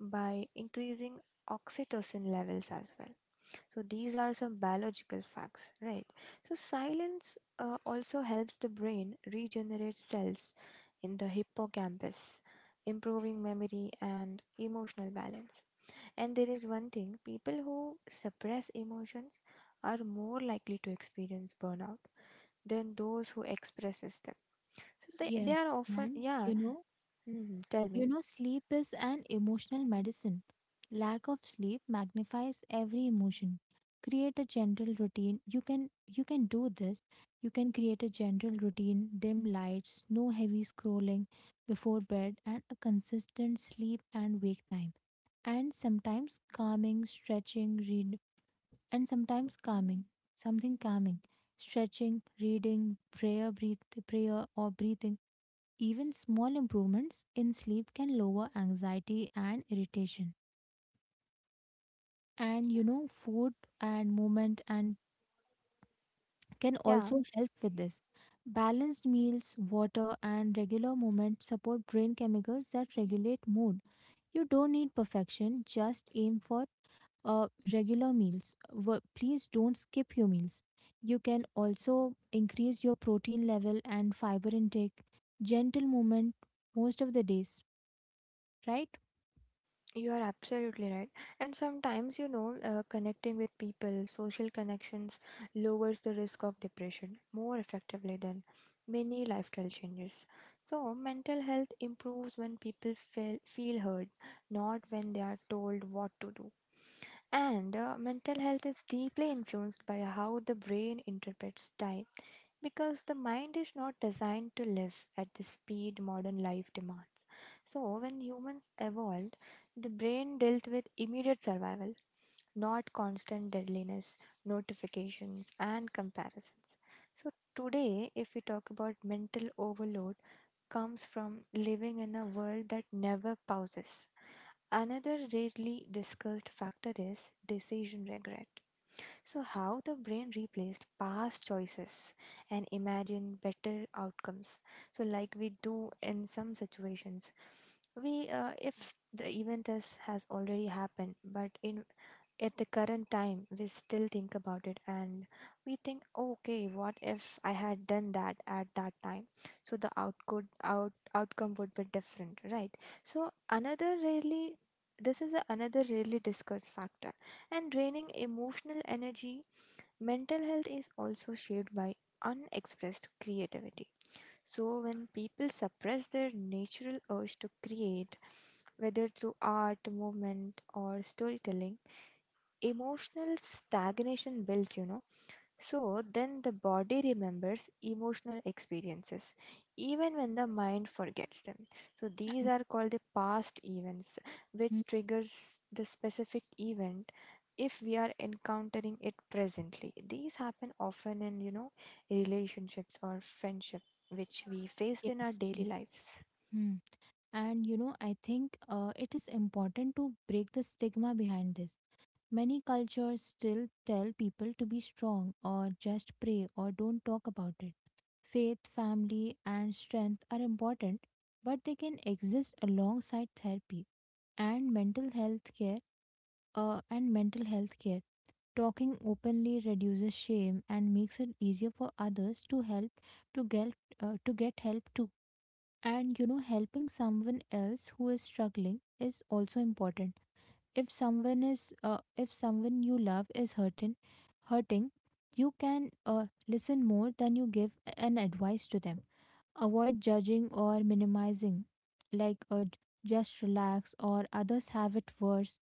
S2: by increasing oxytocin levels as well. So, these are some biological facts, right? So, silence uh, also helps the brain regenerate cells in the hippocampus, improving memory and emotional balance. And there is one thing: people who suppress emotions are more likely to experience burnout than those who expresses them. So they, they
S1: Yes,
S2: are often,
S1: and
S2: yeah,
S1: you know,
S2: mhm, tell
S1: You
S2: me.
S1: know, sleep is an emotional medicine. Lack of sleep magnifies every emotion. Create a gentle routine. You can you can do this. You can create a gentle routine, dim lights, no heavy scrolling before bed and a consistent sleep and wake time. And sometimes calming, stretching, read and sometimes calming, something calming, stretching, reading, prayer, breathe, prayer or breathing, even small improvements in sleep can lower anxiety and irritation. And you know, food and movement and can
S2: Yeah.
S1: also help with this. Balanced meals, water, and regular movement support brain chemicals that regulate mood. You don't need perfection, just aim for uh, regular meals. Wo- Please don't skip your meals. You can also increase your protein level and fiber intake. Gentle movement most of the days, right?
S2: You are absolutely right. And sometimes, you know, uh, connecting with people, social connections lowers the risk of depression more effectively than many lifestyle changes. So, mental health improves when people feel, feel heard, not when they are told what to do. And uh, mental health is deeply influenced by how the brain interprets time, because the mind is not designed to live at the speed modern life demands. So, when humans evolved, the brain dealt with immediate survival, not constant deadliness, notifications, and comparisons. So, today, if we talk about mental overload, comes from living in a world that never pauses. Another rarely discussed factor is decision regret. So, how the brain replaced past choices and imagine better outcomes. So, like we do in some situations, we uh, if the event is, has already happened, but in at the current time we still think about it, and we think, okay, what if I had done that at that time, so the output out outcome would be different, right? So another really, this is a- another really discussed factor, and draining emotional energy. Mental health is also shaped by unexpressed creativity. So when people suppress their natural urge to create, whether through art, movement, or storytelling, emotional stagnation builds, you know. So then the body remembers emotional experiences even when the mind forgets them. So these are called the past events, which triggers the specific event if we are encountering it presently. These happen often in, you know, relationships or friendship, which we faced
S1: Yes.
S2: in our daily
S1: Yes.
S2: lives.
S1: Mm. And you know, I think uh, it is important to break the stigma behind this. Many cultures still tell people to be strong or just pray or don't talk about it. Faith, family, and strength are important, but they can exist alongside therapy and mental health care. Uh, and mental health care. Talking openly reduces shame and makes it easier for others to help to get uh, to get help too. And you know, helping someone else who is struggling is also important. If someone is, uh, if someone you love is hurting, hurting, you can uh, listen more than you give an advice to them. Avoid judging or minimizing, like uh, just relax or others have it worse,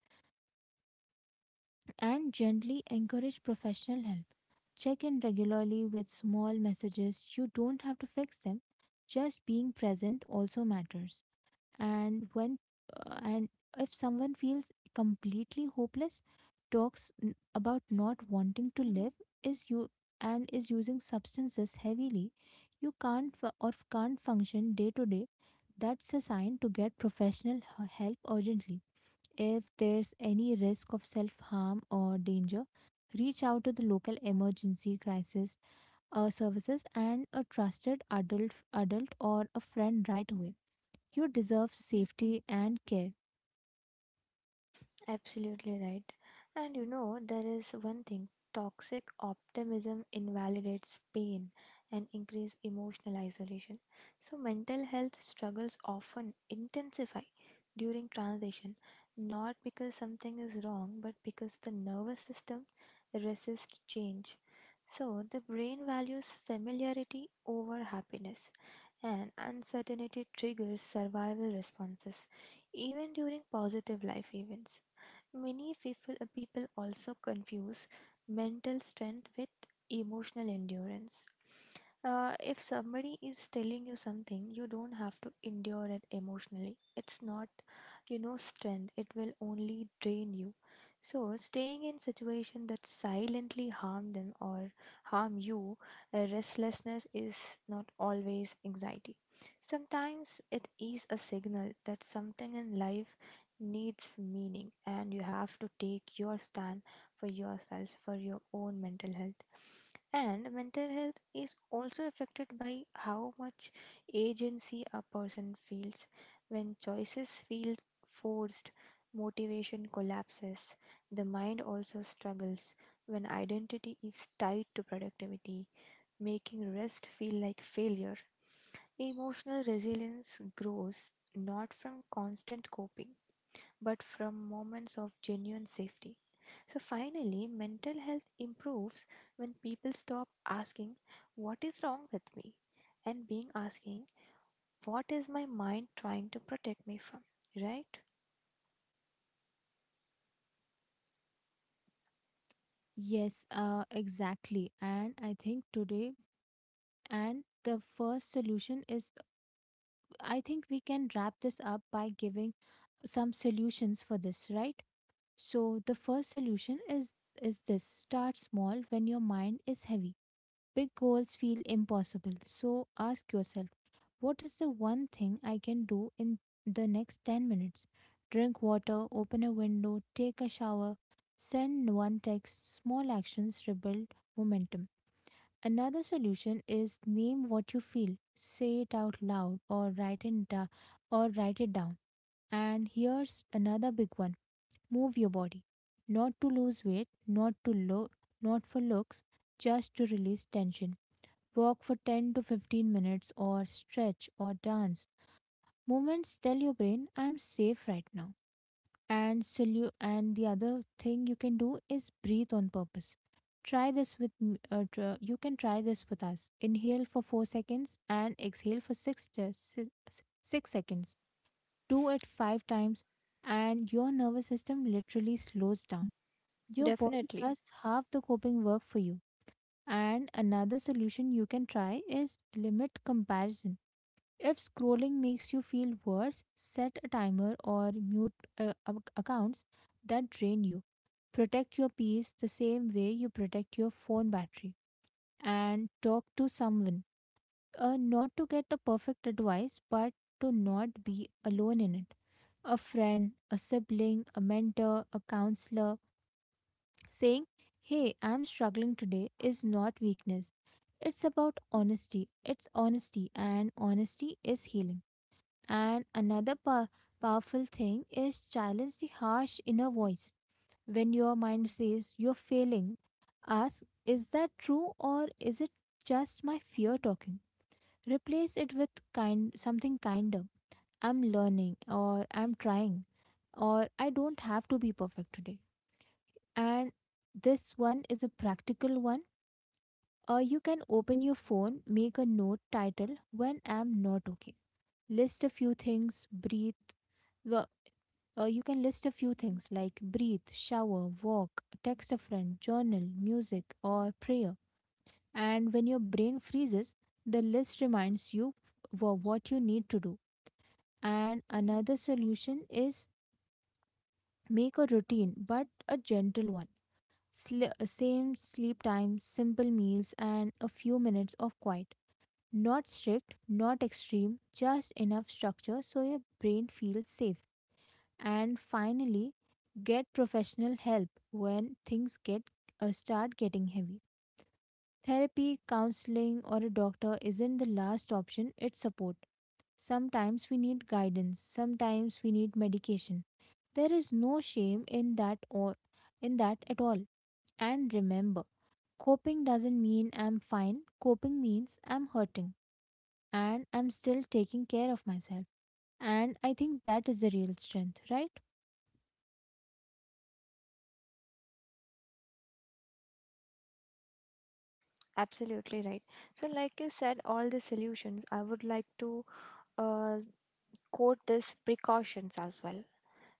S1: and gently encourage professional help. Check in regularly with small messages. You don't have to fix them. Just being present also matters. And when uh, and if someone feels completely hopeless, talks n- about not wanting to live, is you and is using substances heavily, you can't fu- or can't function day to day, that's a sign to get professional h- help urgently. If there's any risk of self harm or danger, reach out to the local emergency crisis uh, services and a trusted adult adult or a friend right away. You deserve safety and care.
S2: Absolutely right. And you know, there is one thing: toxic optimism invalidates pain and increase emotional isolation. So, mental health struggles often intensify during transition, not because something is wrong, but because the nervous system resists change. So, the brain values familiarity over happiness, and uncertainty triggers survival responses, even during positive life events. Many people, uh, people also confuse mental strength with emotional endurance. Uh, if somebody is telling you something, you don't have to endure it emotionally. It's not, you know, strength. It will only drain you. So, staying in situation that silently harm them or harm you, uh, restlessness is not always anxiety. Sometimes it is a signal that something in life needs meaning, and you have to take your stand for yourself, for your own mental health. And mental health is also affected by how much agency a person feels. When choices feel forced, motivation collapses. The mind also struggles when identity is tied to productivity, making rest feel like failure. Emotional resilience grows not from constant coping, but from moments of genuine safety. So, finally, mental health improves when people stop asking, "What is wrong with me?" and being asking, "What is my mind trying to protect me from?" Right?
S1: Yes, uh, exactly. And I think today, and the first solution is I think we can wrap this up by giving some solutions for this, right? So the first solution is is this start small. When your mind is heavy, big goals feel impossible. So ask yourself, what is the one thing I can do in the next ten minutes? Drink water, open a window, take a shower, send one text. Small actions rebuild momentum. Another solution is name what you feel. Say it out loud or write it da- or write it down. And here's another big one. Move your body. Not to lose weight, not to look, Not for looks, just to release tension. Walk for ten to fifteen minutes or stretch or dance. Moments tell your brain, I'm safe right now. And solu- and the other thing you can do is breathe on purpose. Try this with m- uh, tr- You can try this with us. Inhale for four seconds and exhale for 6 te- si- s- six seconds. Do it five times and your nervous system literally slows down. Your body
S2: Definitely.
S1: does half the coping work for you. And another solution you can try is limit comparison. If scrolling makes you feel worse, set a timer or mute uh, ac- accounts that drain you. Protect your peace the same way you protect your phone battery. And talk to someone. Uh, not to get a perfect advice, but to not be alone in it. A friend, a sibling, a mentor, a counselor saying, "Hey, I'm struggling today" is not weakness. It's about honesty. It's honesty, and honesty is healing. And another pow- powerful thing is challenge the harsh inner voice. When your mind says you're failing, ask, is that true or is it just my fear talking? Replace it with kind something kinder. I'm learning, or I'm trying, or I don't have to be perfect today. And this one is a practical one. Uh, you can open your phone, make a note title "when I'm not okay." List a few things, breathe. Uh, you can list a few things like breathe, shower, walk, text a friend, journal, music, or prayer. And when your brain freezes, the list reminds you for what you need to do. And another solution is make a routine, but a gentle one. Sli- same sleep time, simple meals, and a few minutes of quiet. Not strict, not extreme, just enough structure so your brain feels safe. And finally, get professional help when things get uh, start getting heavy. Therapy, counseling, or a doctor isn't the last option, it's support. Sometimes we need guidance, sometimes we need medication. There is no shame in that, or in that at all. And remember, coping doesn't mean I'm fine. Coping means I'm hurting and I'm still taking care of myself, and I think that is the real strength, right?
S2: Absolutely right. So, like you said, all the solutions, I would like to uh, quote this precautions as well.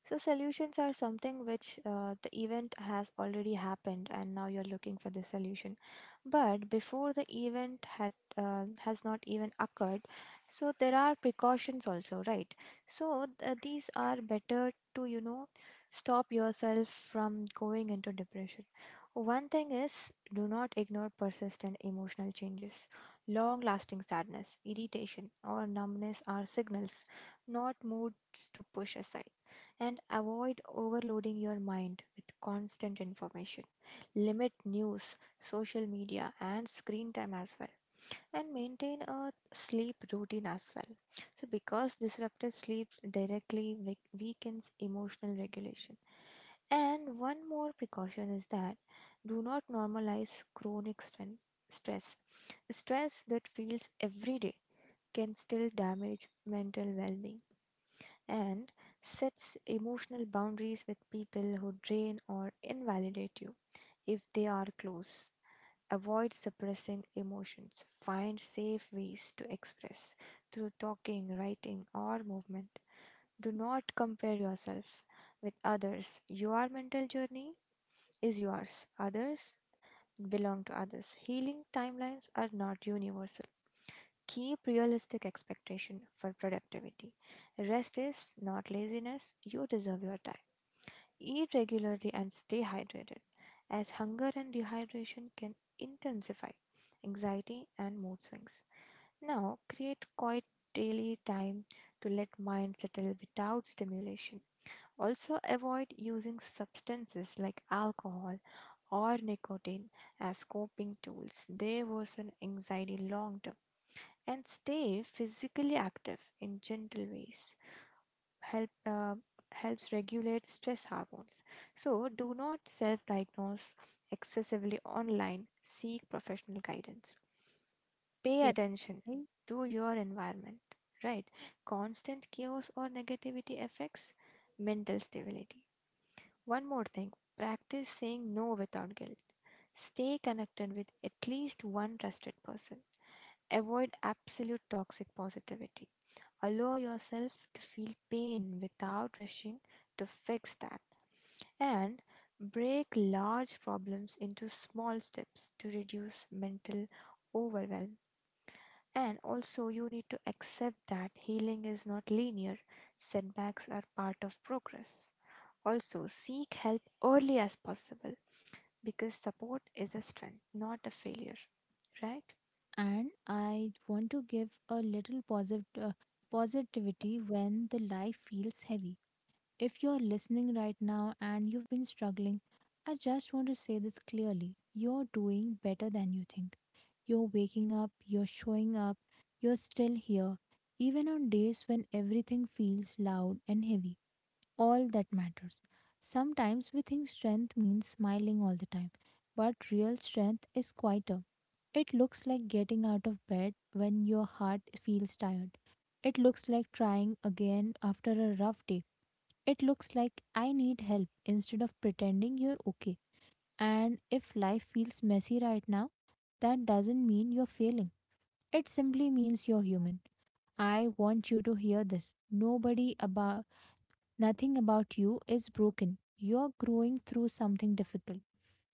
S2: So solutions are something which, uh, the event has already happened, and now you're looking for the solution. But before the event had uh, has not even occurred, so there are precautions also, right? So th- these are better to, you know, stop yourself from going into depression. One thing is, do not ignore persistent emotional changes. Long lasting sadness, irritation, or numbness are signals, not moods to push aside. And avoid overloading your mind with constant information. Limit news, social media, and screen time as well, and maintain a sleep routine as well. So, because disrupted sleep directly weak- weakens emotional regulation. And one more precaution is that, do not normalize chronic stre- stress. Stress that feels every day can still damage mental well being, and sets emotional boundaries with people who drain or invalidate you if they are close. Avoid suppressing emotions. Find safe ways to express through talking, writing, or movement. Do not compare yourself with others. Your mental journey is yours, others belong to others. Healing timelines are not universal. Keep realistic expectation for productivity. Rest is not laziness. You deserve your time. Eat regularly and stay hydrated, as hunger and dehydration can intensify anxiety and mood swings. Now, create quiet daily time to let mind settle without stimulation. Also, avoid using substances like alcohol or nicotine as coping tools. They worsen anxiety long term. And stay physically active in gentle ways, help uh, helps regulate stress hormones. So do not self-diagnose excessively online. Seek professional guidance. Pay
S1: Yes.
S2: attention
S1: I
S2: to your environment. Right? Constant chaos or negativity affects mental stability. One more thing, practice saying no without guilt. Stay connected with at least one trusted person. Avoid absolute toxic positivity. Allow yourself to feel pain without rushing to fix that. And break large problems into small steps to reduce mental overwhelm. And also, you need to accept that healing is not linear, setbacks are part of progress. Also, seek help early as possible, because support is a strength, not a failure, right?
S1: and I want to give a little posit- uh, positivity when the life feels heavy. If you're listening right now and you've been struggling, I just want to say this clearly. You're doing better than you think. You're waking up, you're showing up, you're still here, even on days when everything feels loud and heavy, all that matters. Sometimes we think strength means smiling all the time, but real strength is quieter. It looks like getting out of bed when your heart feels tired. It looks like trying again after a rough day. It looks like "I need help" instead of pretending you're okay. And if life feels messy right now, that doesn't mean you're failing. It simply means you're human. I want you to hear this. Nobody about Nothing about you is broken. You're growing through something difficult.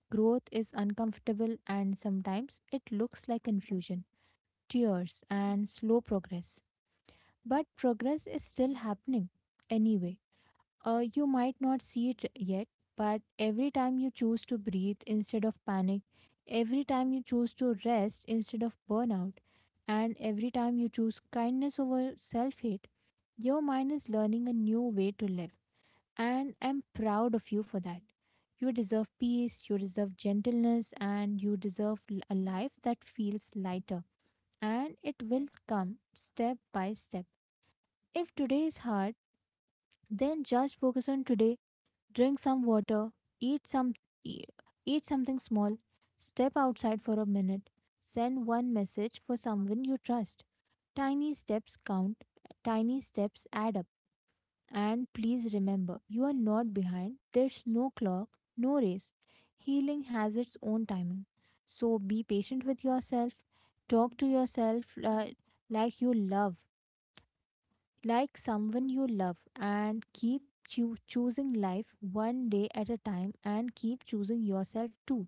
S1: Growth is uncomfortable, and sometimes it looks like confusion, tears, and slow progress. But progress is still happening. Anyway, uh, you might not see it yet, but every time you choose to breathe instead of panic, every time you choose to rest instead of burnout, and every time you choose kindness over self hate, your mind is learning a new way to live, and I'm proud of you for that. You deserve peace, you deserve gentleness, and you deserve l- a life that feels lighter. And it will come step by step. If today is hard, then just focus on today. Drink some water, eat some e- eat something small, step outside for a minute, send one message for someone you trust. Tiny steps count, tiny steps add up. And please remember, you are not behind. There's no clock, no race. Healing has its own timing. So be patient with yourself. Talk to yourself uh, like you love, like someone you love, and keep choo- choosing life one day at a time, and keep choosing yourself too.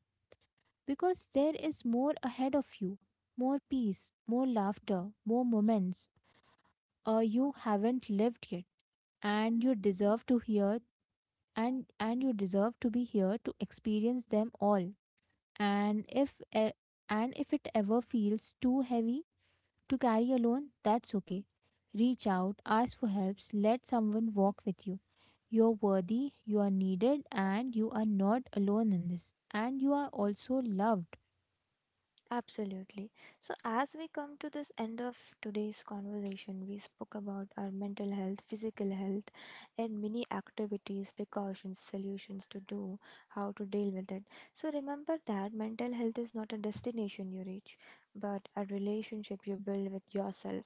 S1: Because there is more ahead of you, more peace, more laughter, more moments uh, you haven't lived yet, and you deserve to hear and and you deserve to be here to experience them all. And if e- and if it ever feels too heavy to carry alone, that's okay. Reach out, ask for helps, let someone walk with you. You're worthy, you are needed, and you are not alone in this, and you are also loved.
S2: Absolutely. So, as we come to this end of today's conversation, we spoke about our mental health, physical health, and many activities, precautions, solutions to do, how to deal with it. So, remember that mental health is not a destination you reach, but a relationship you build with yourself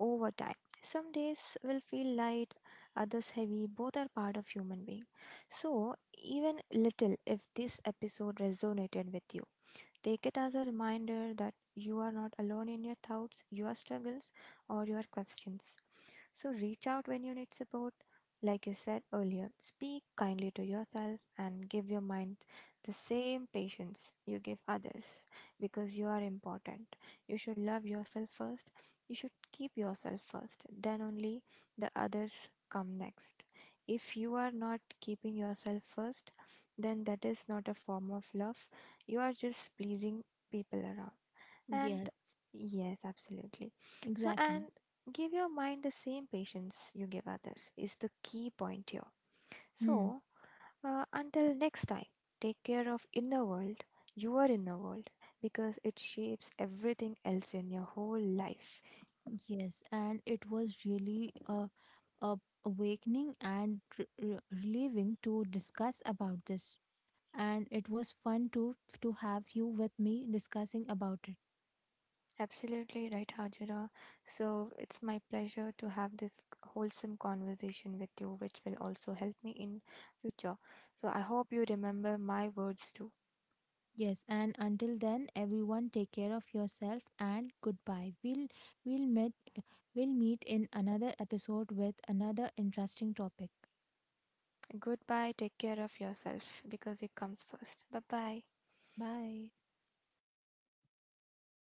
S2: over time. Some days will feel light, others heavy, both are part of human being. So, even little, if this episode resonated with you, take it as a reminder that you are not alone in your thoughts, your struggles, or your questions. So reach out when you need support. Like you said earlier, speak kindly to yourself and give your mind the same patience you give others, because you are important. You should love yourself first. You should keep yourself first. Then only the others come next. If you are not keeping yourself first, then that is not a form of love, you are just pleasing people around. And
S1: Yes,
S2: yes, absolutely. So, and
S1: exactly.
S2: give your mind the same patience you give others is the key point here.
S1: Hmm.
S2: So, uh, until next time, take care of inner world, your inner world, because it shapes everything else in your whole life.
S1: Yes, and it was really a, a awakening and r- r- relieving to discuss about this, and it was fun to to have you with me discussing about it.
S2: Absolutely right, Hajira. So it's my pleasure to have this wholesome conversation with you, which will also help me in future. So I hope you remember my words too.
S1: Yes, and until then, everyone take care of yourself and goodbye. We'll we'll meet we'll meet in another episode with another interesting topic.
S2: Goodbye. Take care of yourself because it comes first. Bye bye.
S1: Bye.